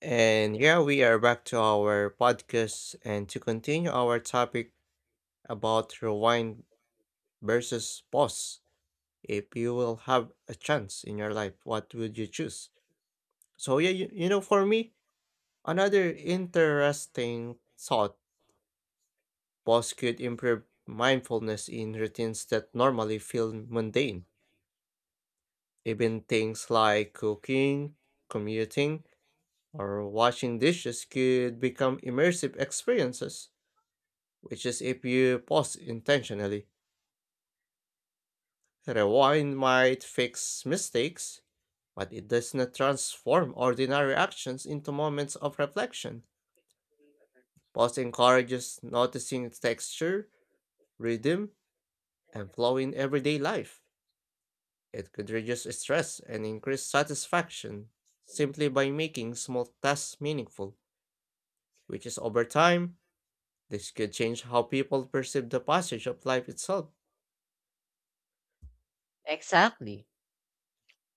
And yeah, we are back to our podcast and to continue our topic about rewind versus pause. If you will have a chance in your life, what would you choose? For me, another interesting thought, pause could improve mindfulness in routines that normally feel mundane. Even things like cooking, commuting, or washing dishes could become immersive experiences, which is if you pause intentionally. Rewind might fix mistakes, but it does not transform ordinary actions into moments of reflection. Pause encourages noticing texture, rhythm, and flow in everyday life. It could reduce stress and increase satisfaction simply by making small tasks meaningful, which is, over time, this could change how people perceive the passage of life itself. Exactly.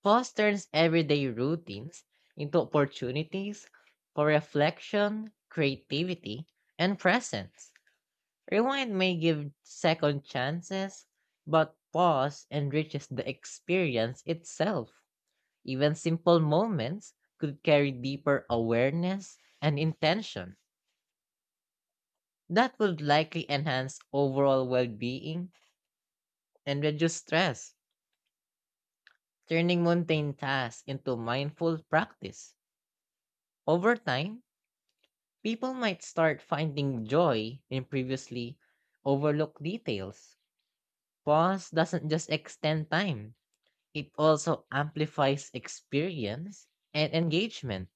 Pause turns everyday routines into opportunities for reflection, creativity, and presence. Rewind may give second chances, but pause enriches the experience itself. Even simple moments could carry deeper awareness and intention. That would likely enhance overall well being and reduce stress, turning mundane tasks into mindful practice. Over time, people might start finding joy in previously overlooked details. Pause doesn't just extend time, it also amplifies experience and engagement.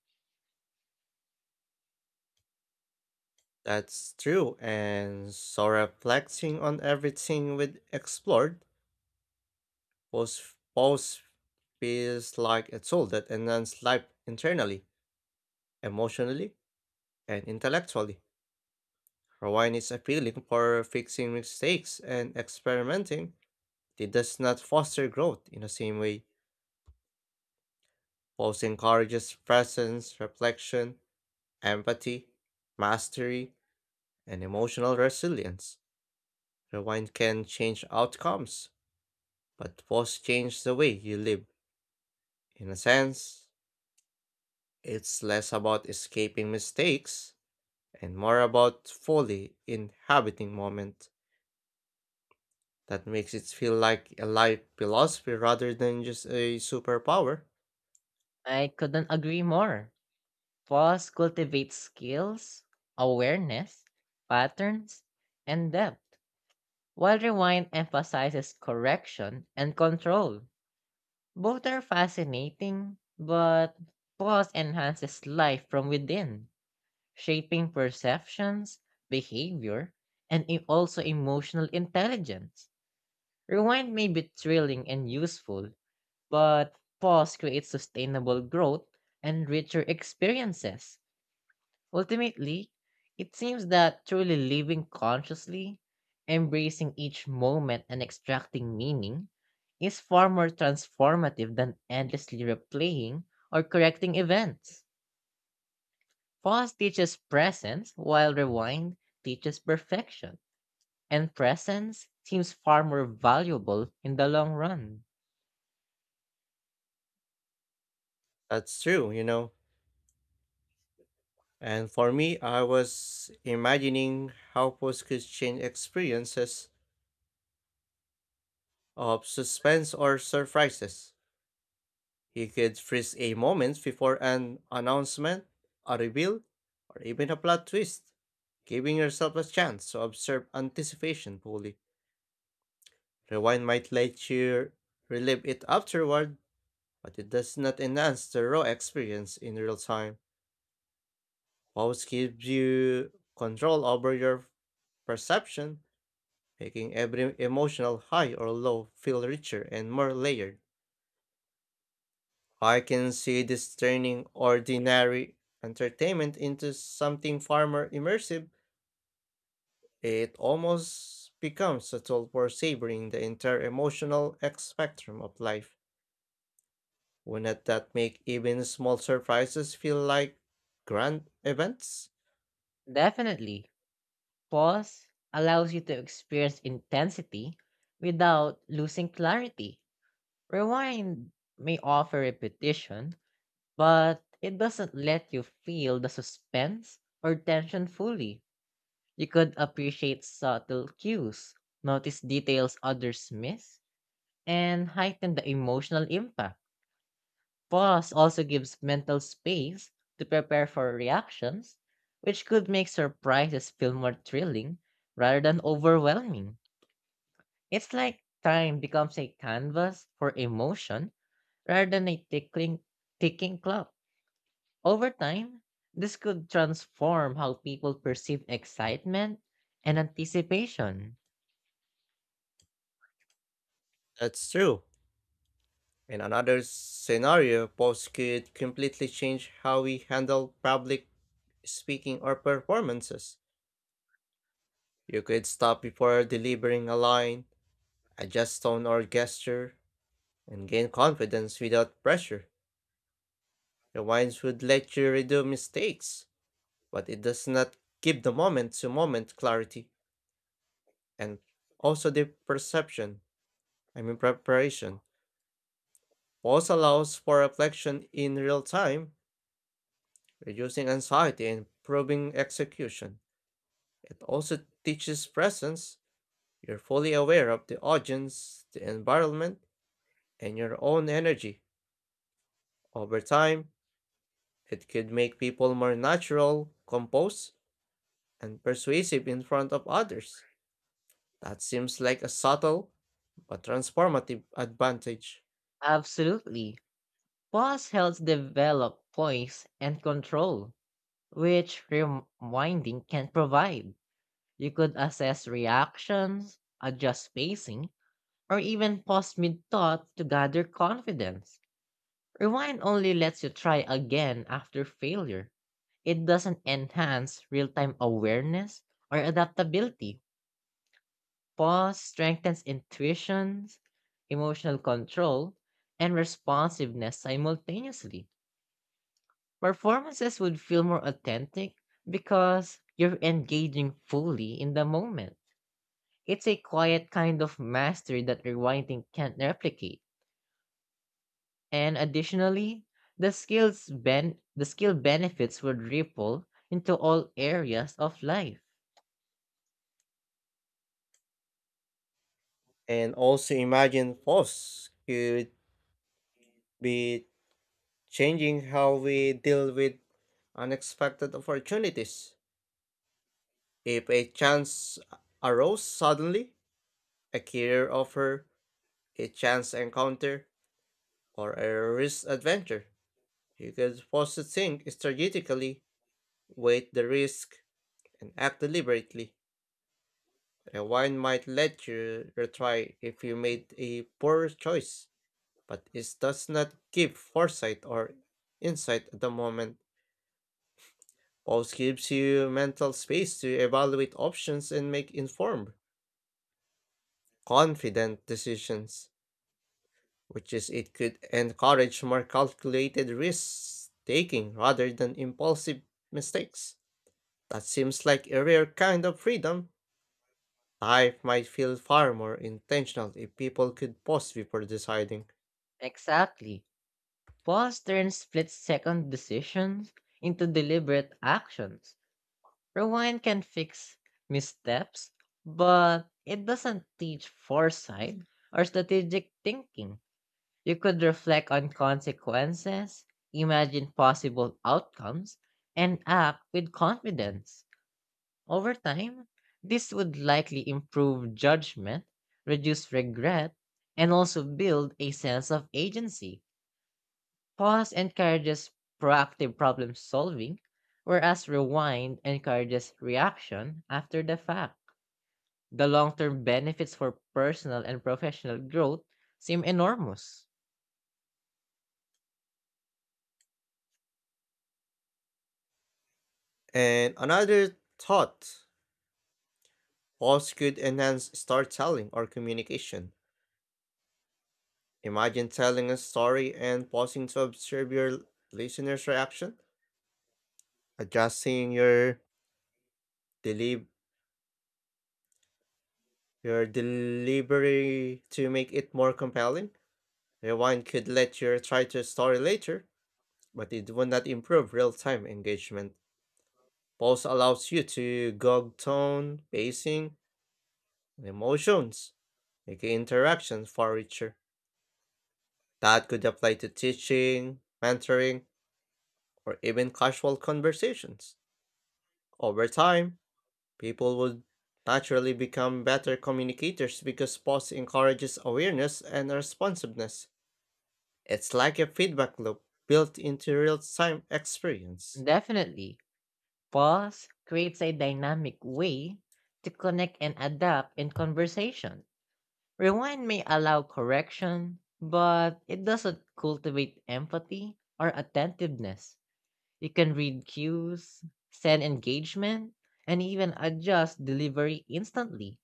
That's true, and so reflecting on everything we've explored, post feels like a tool that enhances life internally, emotionally, and intellectually. Rewind is appealing for fixing mistakes and experimenting. It does not foster growth in the same way. Post encourages presence, reflection, empathy, mastery, and emotional resilience. Rewind can change outcomes, but pause change the way you live. In a sense, it's less about escaping mistakes and more about fully inhabiting moment. That makes it feel like a life philosophy rather than just a superpower. I couldn't agree more. Pause cultivates skills, awareness, patterns, and depth, while Rewind emphasizes correction and control. Both are fascinating, but Pause enhances life from within shaping perceptions, behavior, and also emotional intelligence. Rewind may be thrilling and useful, but pause creates sustainable growth and richer experiences. Ultimately, it seems that truly living consciously, embracing each moment and extracting meaning, is far more transformative than endlessly replaying or correcting events. Pause teaches presence, while rewind teaches perfection. And presence seems far more valuable in the long run. That's true, you know. And for me, I was imagining how post could change experiences of suspense or surprises. You could freeze a moment before an announcement, a reveal, or even a plot twist, giving yourself a chance to observe anticipation fully. Rewind might let you relive it afterward, but it does not enhance the raw experience in real time. Pause gives you control over your perception, making every emotional high or low feel richer and more layered. I can see this turning ordinary entertainment into something far more immersive. It almost becomes a tool for savoring the entire emotional X spectrum of life. Wouldn't that make even small surprises feel like grand events? Definitely, pause allows you to experience intensity without losing clarity. Rewind may offer repetition, but it doesn't let you feel the suspense or tension fully. You could appreciate subtle cues, notice details others miss, and heighten the emotional impact. Pause also gives mental space to prepare for reactions, which could make surprises feel more thrilling rather than overwhelming. It's like time becomes a canvas for emotion rather than a tickling, ticking clock. Over time, this could transform how people perceive excitement and anticipation. That's true. In another scenario, posts could completely change how we handle public speaking or performances. You could stop before delivering a line, adjust tone or gesture, and gain confidence without pressure. Rewinds would let you redo mistakes, but it does not give the moment to moment clarity and also the perception, I mean preparation. Pause allows for reflection in real time, reducing anxiety and improving execution. It also teaches presence. You're fully aware of the audience, the environment, and your own energy. Over time, it could make people more natural, composed, and persuasive in front of others. That seems like a subtle but transformative advantage. Absolutely. Pause helps develop poise and control which rewinding can provide. You could assess reactions, adjust pacing, or even pause mid thought to gather confidence. Rewind only lets you try again after failure. It doesn't enhance real time awareness or adaptability. Pause strengthens intuitions, emotional control, and responsiveness simultaneously. Performances would feel more authentic because you're engaging fully in the moment. It's a quiet kind of mastery that rewinding can't replicate. And additionally, the skill benefits would ripple into all areas of life. And also imagine FOSS could be changing how we deal with unexpected opportunities. If a chance arose suddenly, a career offer, a chance encounter, or a risk adventure, you could pause to think strategically, weigh the risk, and act deliberately. Rewind might let you retry if you made a poor choice, but it does not give foresight or insight at the moment. Pause gives you mental space to evaluate options and make informed, confident decisions, which is it could encourage more calculated risk taking rather than impulsive mistakes. That seems like a rare kind of freedom. Life might feel far more intentional if people could pause before deciding. Exactly. Pause turns split second decisions into deliberate actions. Rewind can fix missteps, but it doesn't teach foresight or strategic thinking. You could reflect on consequences, imagine possible outcomes, and act with confidence. Over time, this would likely improve judgment, reduce regret, and also build a sense of agency. Pause encourages proactive problem solving, whereas rewind encourages reaction after the fact. The long term benefits for personal and professional growth seem enormous. And another thought, pause could enhance storytelling or communication. Imagine telling a story and pausing to observe your listener's reaction, adjusting your deli- your delivery to make it more compelling. Rewind could let you try to story later, but it would not improve real-time engagement. Pause allows you to gauge tone, pacing, emotions, making interactions far richer. That could apply to teaching, mentoring, or even casual conversations. Over time, people would naturally become better communicators because pause encourages awareness and responsiveness. It's like a feedback loop built into real time experience. Definitely, pause creates a dynamic way to connect and adapt in conversation. Rewind may allow correction, but it doesn't cultivate empathy or attentiveness. You can read cues, send engagement, and even adjust delivery instantly.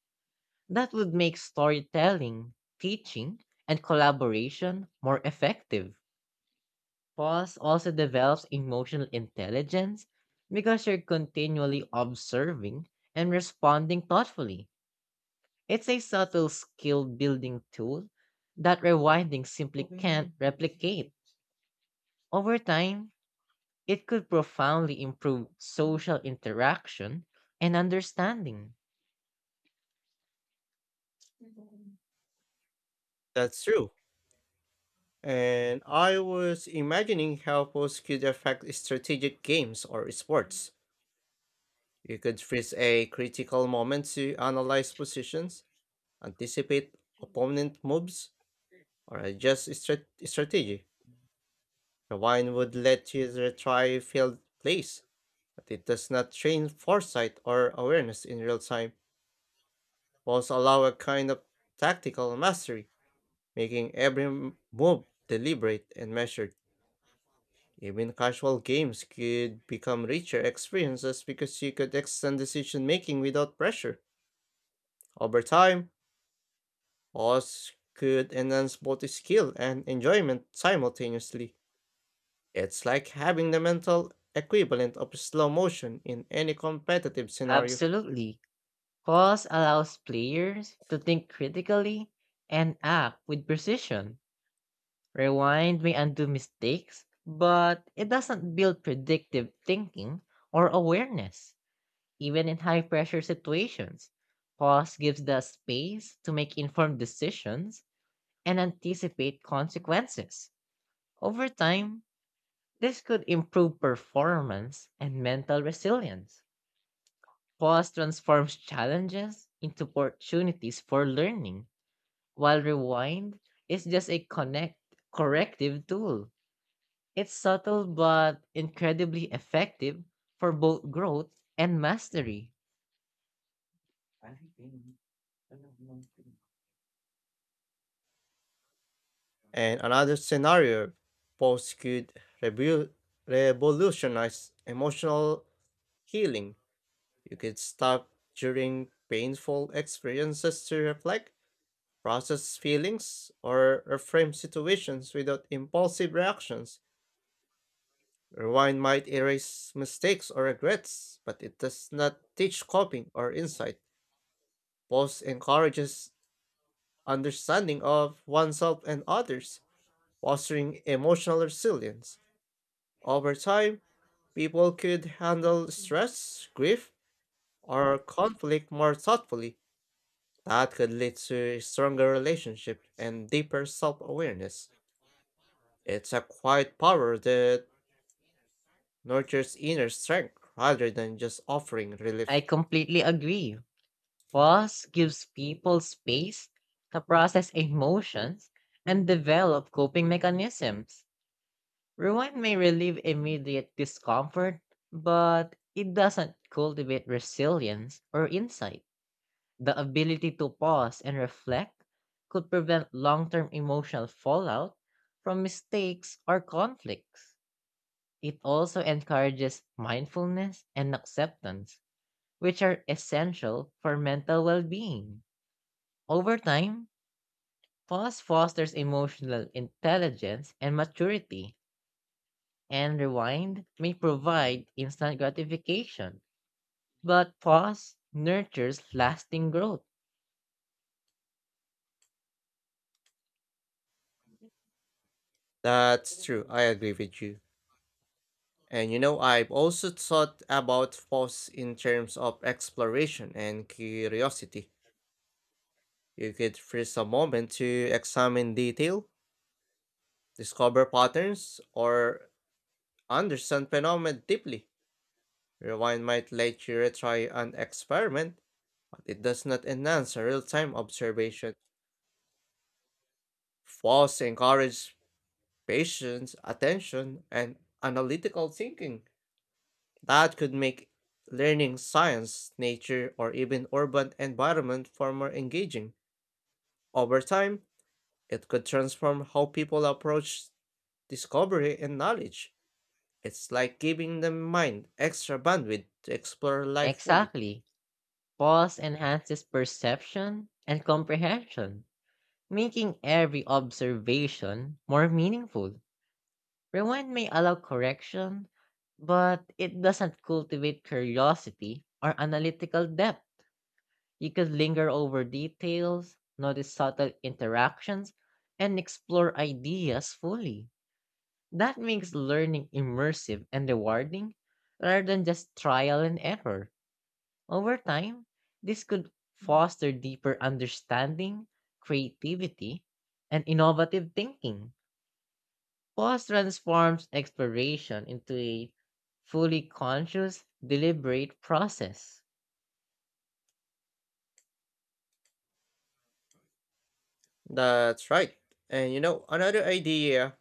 That would make storytelling, teaching, and collaboration more effective. Pause also develops emotional intelligence because you're continually observing and responding thoughtfully. It's a subtle skill building tool that rewinding simply can't replicate. Over time, it could profoundly improve social interaction and understanding. That's true. And I was imagining how pause could affect strategic games or sports. You could freeze a critical moment to analyze positions, anticipate opponent moves, or adjust strategy. The wine would let you retry failed plays, but it does not train foresight or awareness in real time. Balls allow a kind of tactical mastery, making every move deliberate and measured. Even casual games could become richer experiences because you could extend decision making without pressure. Over time, pause could enhance both skill and enjoyment simultaneously. It's like having the mental equivalent of slow motion in any competitive scenario. Absolutely. Pause allows players to think critically and act with precision. Rewind may undo mistakes, but it doesn't build predictive thinking or awareness, even in high pressure situations. Pause gives the space to make informed decisions and anticipate consequences. Over time, this could improve performance and mental resilience. Pause transforms challenges into opportunities for learning, while rewind is just a connect corrective tool. It's subtle but incredibly effective for both growth and mastery. And another scenario, pause could revu- revolutionize emotional healing. You could stop during painful experiences to reflect, process feelings, or reframe situations without impulsive reactions. Rewind might erase mistakes or regrets, but it does not teach coping or insight. Pause encourages understanding of oneself and others, fostering emotional resilience. Over time, people could handle stress, grief, or conflict more thoughtfully. That could lead to stronger relationships and deeper self awareness. It's a quiet power that nurtures inner strength rather than just offering I relief. completely agree. Pause gives people space to process emotions and develop coping mechanisms. Rewind may relieve immediate discomfort, but it doesn't cultivate resilience or insight. The ability to pause and reflect could prevent long term emotional fallout from mistakes or conflicts. It also encourages mindfulness and acceptance, which are essential for mental well being. Over time, pause fosters emotional intelligence and maturity and rewind may provide instant gratification, but pause nurtures lasting growth. That's true. I agree with you. And you know, I've also thought about pause in terms of exploration and curiosity. You could freeze a moment to examine detail, discover patterns, or understand phenomena deeply. Rewind might let you retry an experiment, but it does not enhance a real-time observation. Pause encourages patience, attention, and analytical thinking. That could make learning science, nature, or even urban environment far more engaging. Over time, it could transform how people approach discovery and knowledge. It's like giving the mind extra bandwidth to explore life fully. Exactly. Pause enhances perception and comprehension, making every observation more meaningful. Rewind may allow correction, but it doesn't cultivate curiosity or analytical depth. You could linger over details, notice subtle interactions, and explore ideas fully. That makes learning immersive and rewarding rather than just trial and error. Over time, this could foster deeper understanding, creativity, and innovative thinking. Pause transforms exploration into a fully conscious, deliberate process. That's right. And you know, another idea,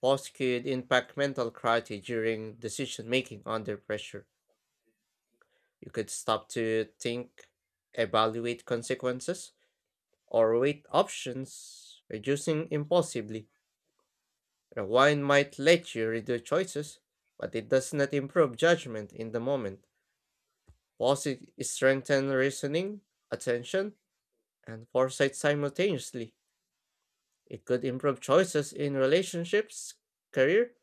boss could impact mental clarity during decision making under pressure. You could stop to think, evaluate consequences, or wait options, reducing impulsively. Rewind might let you redo choices, but it does not improve judgment in the moment. Pauses strengthen reasoning, attention, and foresight simultaneously. It could improve choices in relationships, career,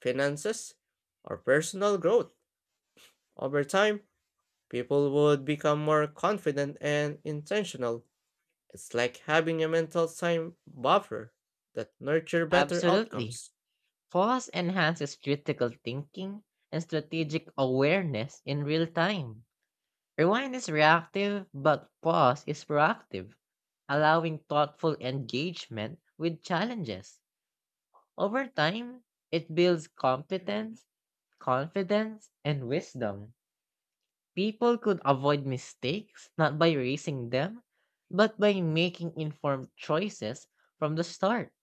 finances, or personal growth. Over time, people would become more confident and intentional. It's like having a mental time buffer that nurture better Absolutely. outcomes. Pause enhances critical thinking and strategic awareness in real time. Rewind is reactive, but pause is proactive, allowing thoughtful engagement with challenges. Over time, it builds competence, confidence, and wisdom. People could avoid mistakes not by racing them, but by making informed choices from the start.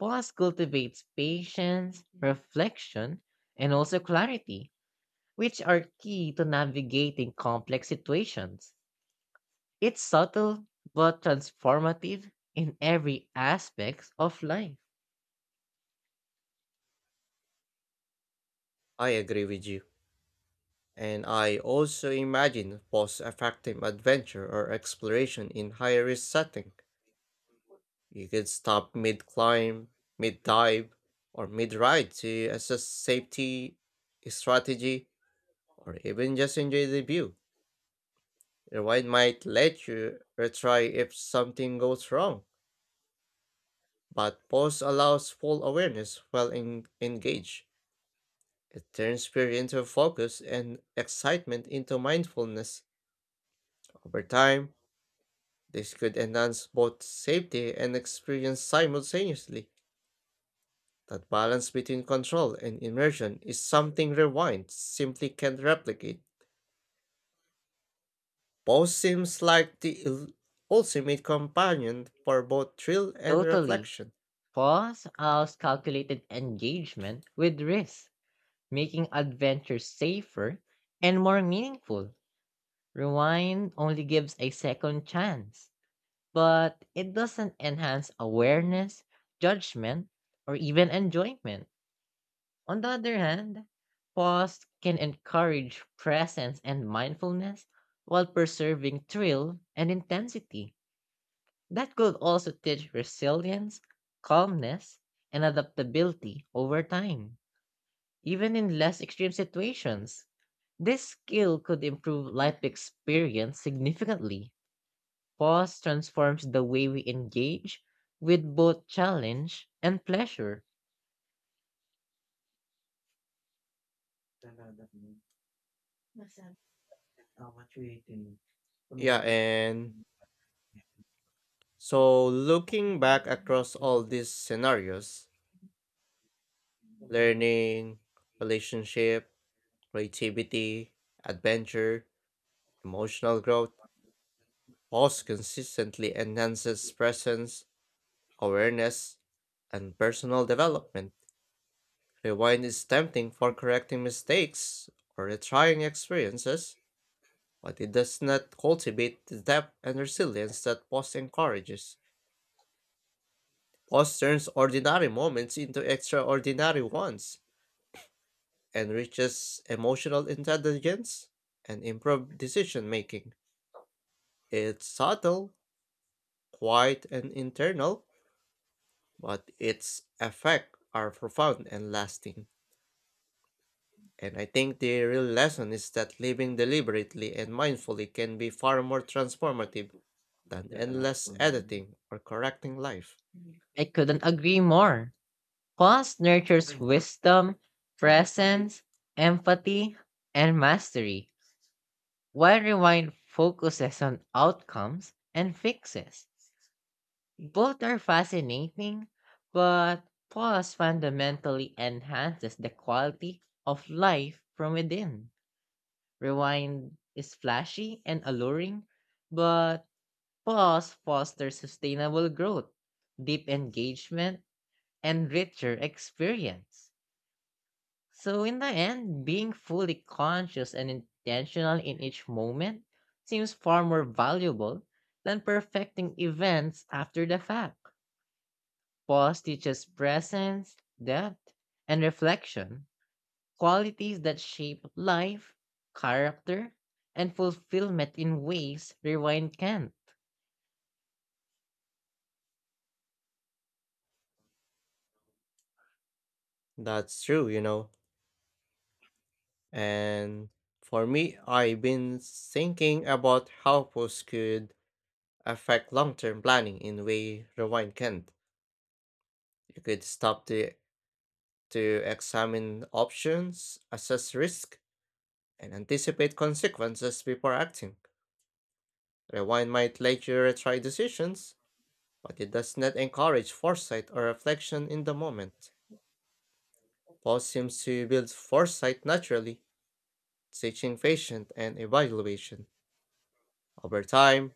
Pause cultivates patience, reflection, and also clarity, which are key to navigating complex situations. It's subtle but transformative in every aspect of life. I agree with you. And I also imagine post-effective adventure or exploration in high-risk setting. You could stop mid-climb, mid-dive, or mid-ride to assess safety strategy, or even just enjoy the view. Rewind might let you retry if something goes wrong, but pause allows full awareness while engaged. It turns fear into focus and excitement into mindfulness. Over time, this could enhance both safety and experience simultaneously. That balance between control and immersion is something Rewind simply can't replicate. Both seems like the ultimate companion for both thrill and Totally. reflection. Pause allows calculated engagement with risk, making adventures safer and more meaningful. Rewind only gives a second chance, but it doesn't enhance awareness, judgment, or even enjoyment. On the other hand, pause can encourage presence and mindfulness while preserving thrill and intensity. That could also teach resilience, calmness, and adaptability over time, even in less extreme situations. This skill could improve life experience significantly. Pause transforms the way we engage with both challenge and pleasure. Yeah, and so looking back across all these scenarios, learning, relationship, creativity, adventure, emotional growth, pause consistently enhances presence awareness, and personal development. Rewind is tempting for correcting mistakes or retrying experiences, but it does not cultivate the depth and resilience that pause encourages. Pause turns ordinary moments into extraordinary ones, enriches emotional intelligence, and improved decision making. It's subtle, quiet, and internal, but its effects are profound and lasting. And I think the real lesson is that living deliberately and mindfully can be far more transformative than endless editing or correcting life. I couldn't agree more. Pause nurtures wisdom, presence, empathy, and mastery, while rewind focuses on outcomes and fixes. Both are fascinating, but pause fundamentally enhances the quality of life from within. Rewind is flashy and alluring, but pause fosters sustainable growth, deep engagement, and richer experience. So, in the end, being fully conscious and intentional in each moment seems far more valuable than perfecting events after the fact. Pause teaches presence, depth, and reflection, qualities that shape life, character, and fulfillment in ways rewind can't. That's true, you know. And for me, I've been thinking about how posts could affect long term planning in way Rewind can't. You could stop to examine options, assess risk, and anticipate consequences before acting. Rewind might let you retry decisions, but it does not encourage foresight or reflection in the moment. Paul seems to build foresight naturally, teaching patience and evaluation. Over time,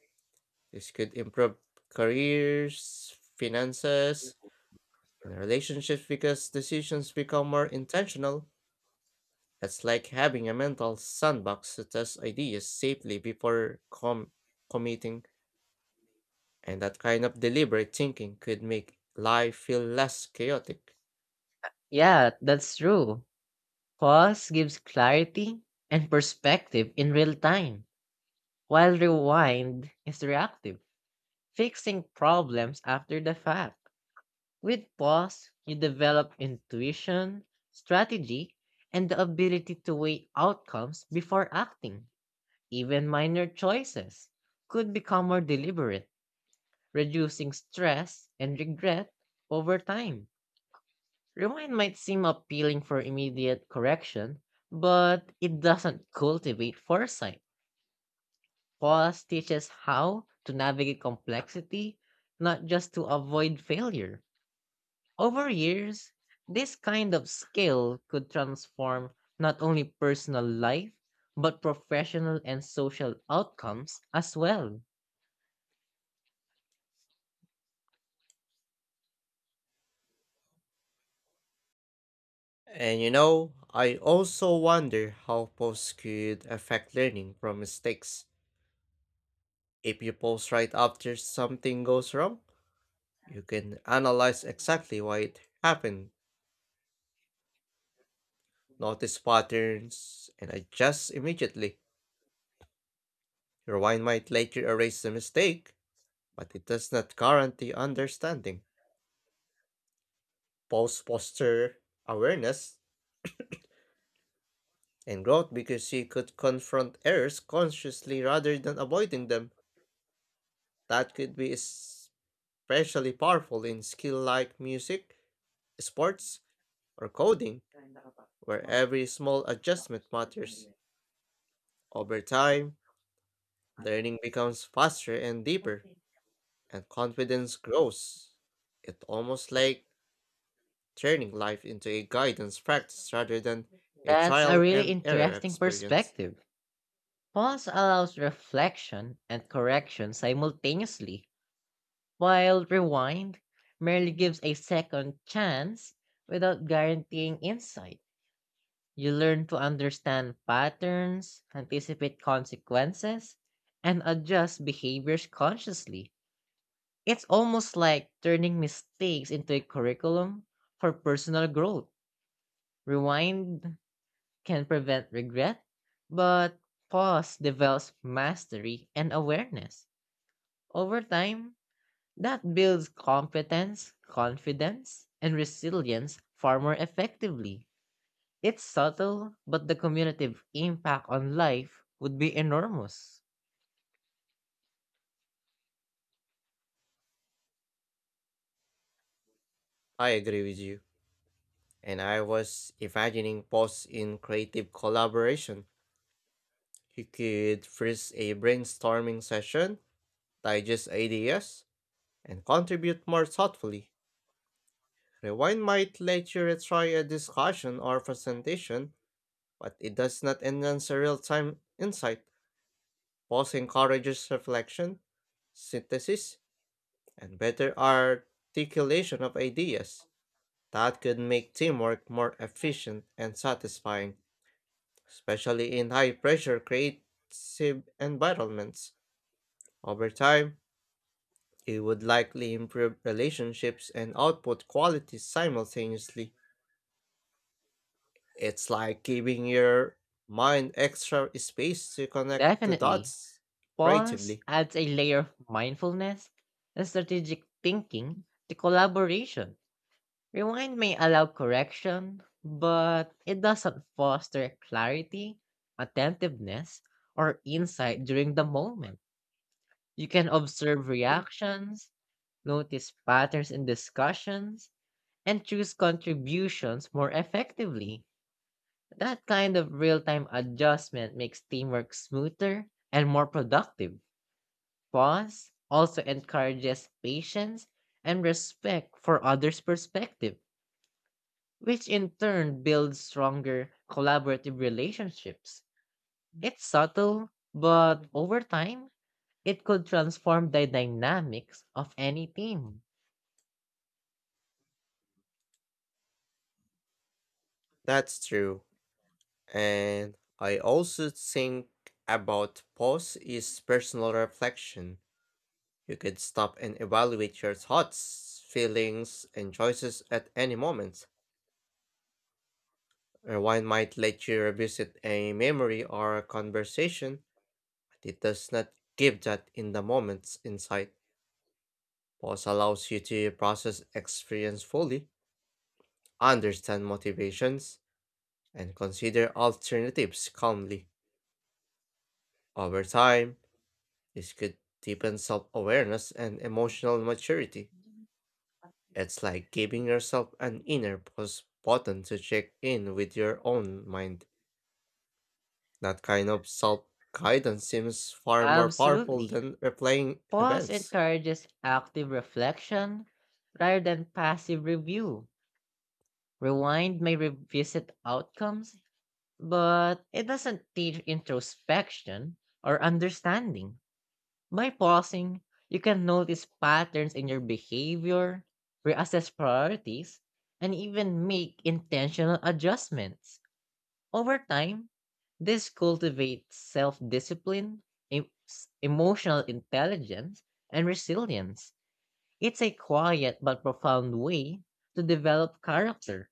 this could improve careers, finances, and relationships because decisions become more intentional. It's like having a mental sandbox to test ideas safely before committing, and that kind of deliberate thinking could make life feel less chaotic. Yeah, that's true. Pause gives clarity and perspective in real time, while rewind is reactive, fixing problems after the fact. With pause, you develop intuition, strategy, and the ability to weigh outcomes before acting. Even minor choices could become more deliberate, reducing stress and regret over time. Rewind might seem appealing for immediate correction, but it doesn't cultivate foresight. Pause teaches how to navigate complexity, not just to avoid failure. Over years, this kind of skill could transform not only personal life, but professional and social outcomes as well. And you know, I also wonder how posts could affect learning from mistakes. If you post right after something goes wrong, you can analyze exactly why it happened, notice patterns, and adjust immediately. Your mind might later erase the mistake, but it does not guarantee understanding. Posts foster awareness and growth because you could confront errors consciously rather than avoiding them. That could be especially powerful in skill like music, sports, or coding, where every small adjustment matters. Over time, learning becomes faster and deeper, and confidence grows. It's almost like turning life into a guidance practice rather than a That's a trial really and error interesting experience. perspective. Pause allows reflection and correction simultaneously, while rewind merely gives a second chance without guaranteeing insight. You learn to understand patterns, anticipate consequences, and adjust behaviors consciously. It's almost like turning mistakes into a curriculum for personal growth. Rewind can prevent regret, but pause develops mastery and awareness. Over time, that builds competence, confidence, and resilience far more effectively. It's subtle, but the cumulative impact on life would be enormous. I agree with you. And I was imagining posts in creative collaboration. You could freeze a brainstorming session, digest ideas, and contribute more thoughtfully. Rewind might let you retry a discussion or presentation, but it does not enhance a real time insight. Pause encourages reflection, synthesis, and better articulation of ideas. That could make teamwork more efficient and satisfying, especially in high pressure creative environments. Over time, it would likely improve relationships and output quality simultaneously. It's like giving your mind extra space to connect the Definitely, dots pause creatively. adds a layer of mindfulness and strategic thinking to collaboration. Rewind may allow correction, but it doesn't foster clarity, attentiveness, or insight during the moment. You can observe reactions, notice patterns in discussions, and choose contributions more effectively. That kind of real time adjustment makes teamwork smoother and more productive. Pause also encourages patience and respect for others' perspective, which in turn builds stronger collaborative relationships. It's subtle, but over time, it could transform the dynamics of any team. That's true. And I also think about pause is personal reflection. You can stop and evaluate your thoughts, feelings, and choices at any moment. Rewind might let you revisit a memory or a conversation, but it does not give that in the moment's insight. Pause allows you to process experience fully, understand motivations, and consider alternatives calmly. Over time, this could deepen self awareness and emotional maturity. It's like giving yourself an inner pause button to check in with your own mind. That kind of self guidance seems far more powerful Absolutely. than replaying Pause events. encourages active reflection rather than passive review. Rewind may revisit outcomes, but it doesn't teach introspection or understanding. By pausing, you can notice patterns in your behavior, reassess priorities, and even make intentional adjustments. Over time, this cultivates self discipline, emotional intelligence, and resilience. It's a quiet but profound way to develop character.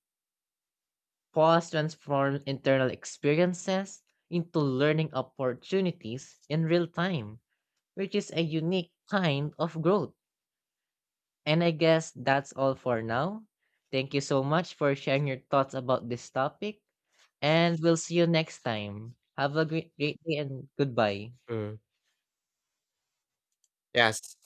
Pause transforms internal experiences into learning opportunities in real time, which is a unique kind of growth. And I guess that's all for now. Thank you so much for sharing your thoughts about this topic, and we'll see you next time. Have a great day and goodbye. Mm. Yes.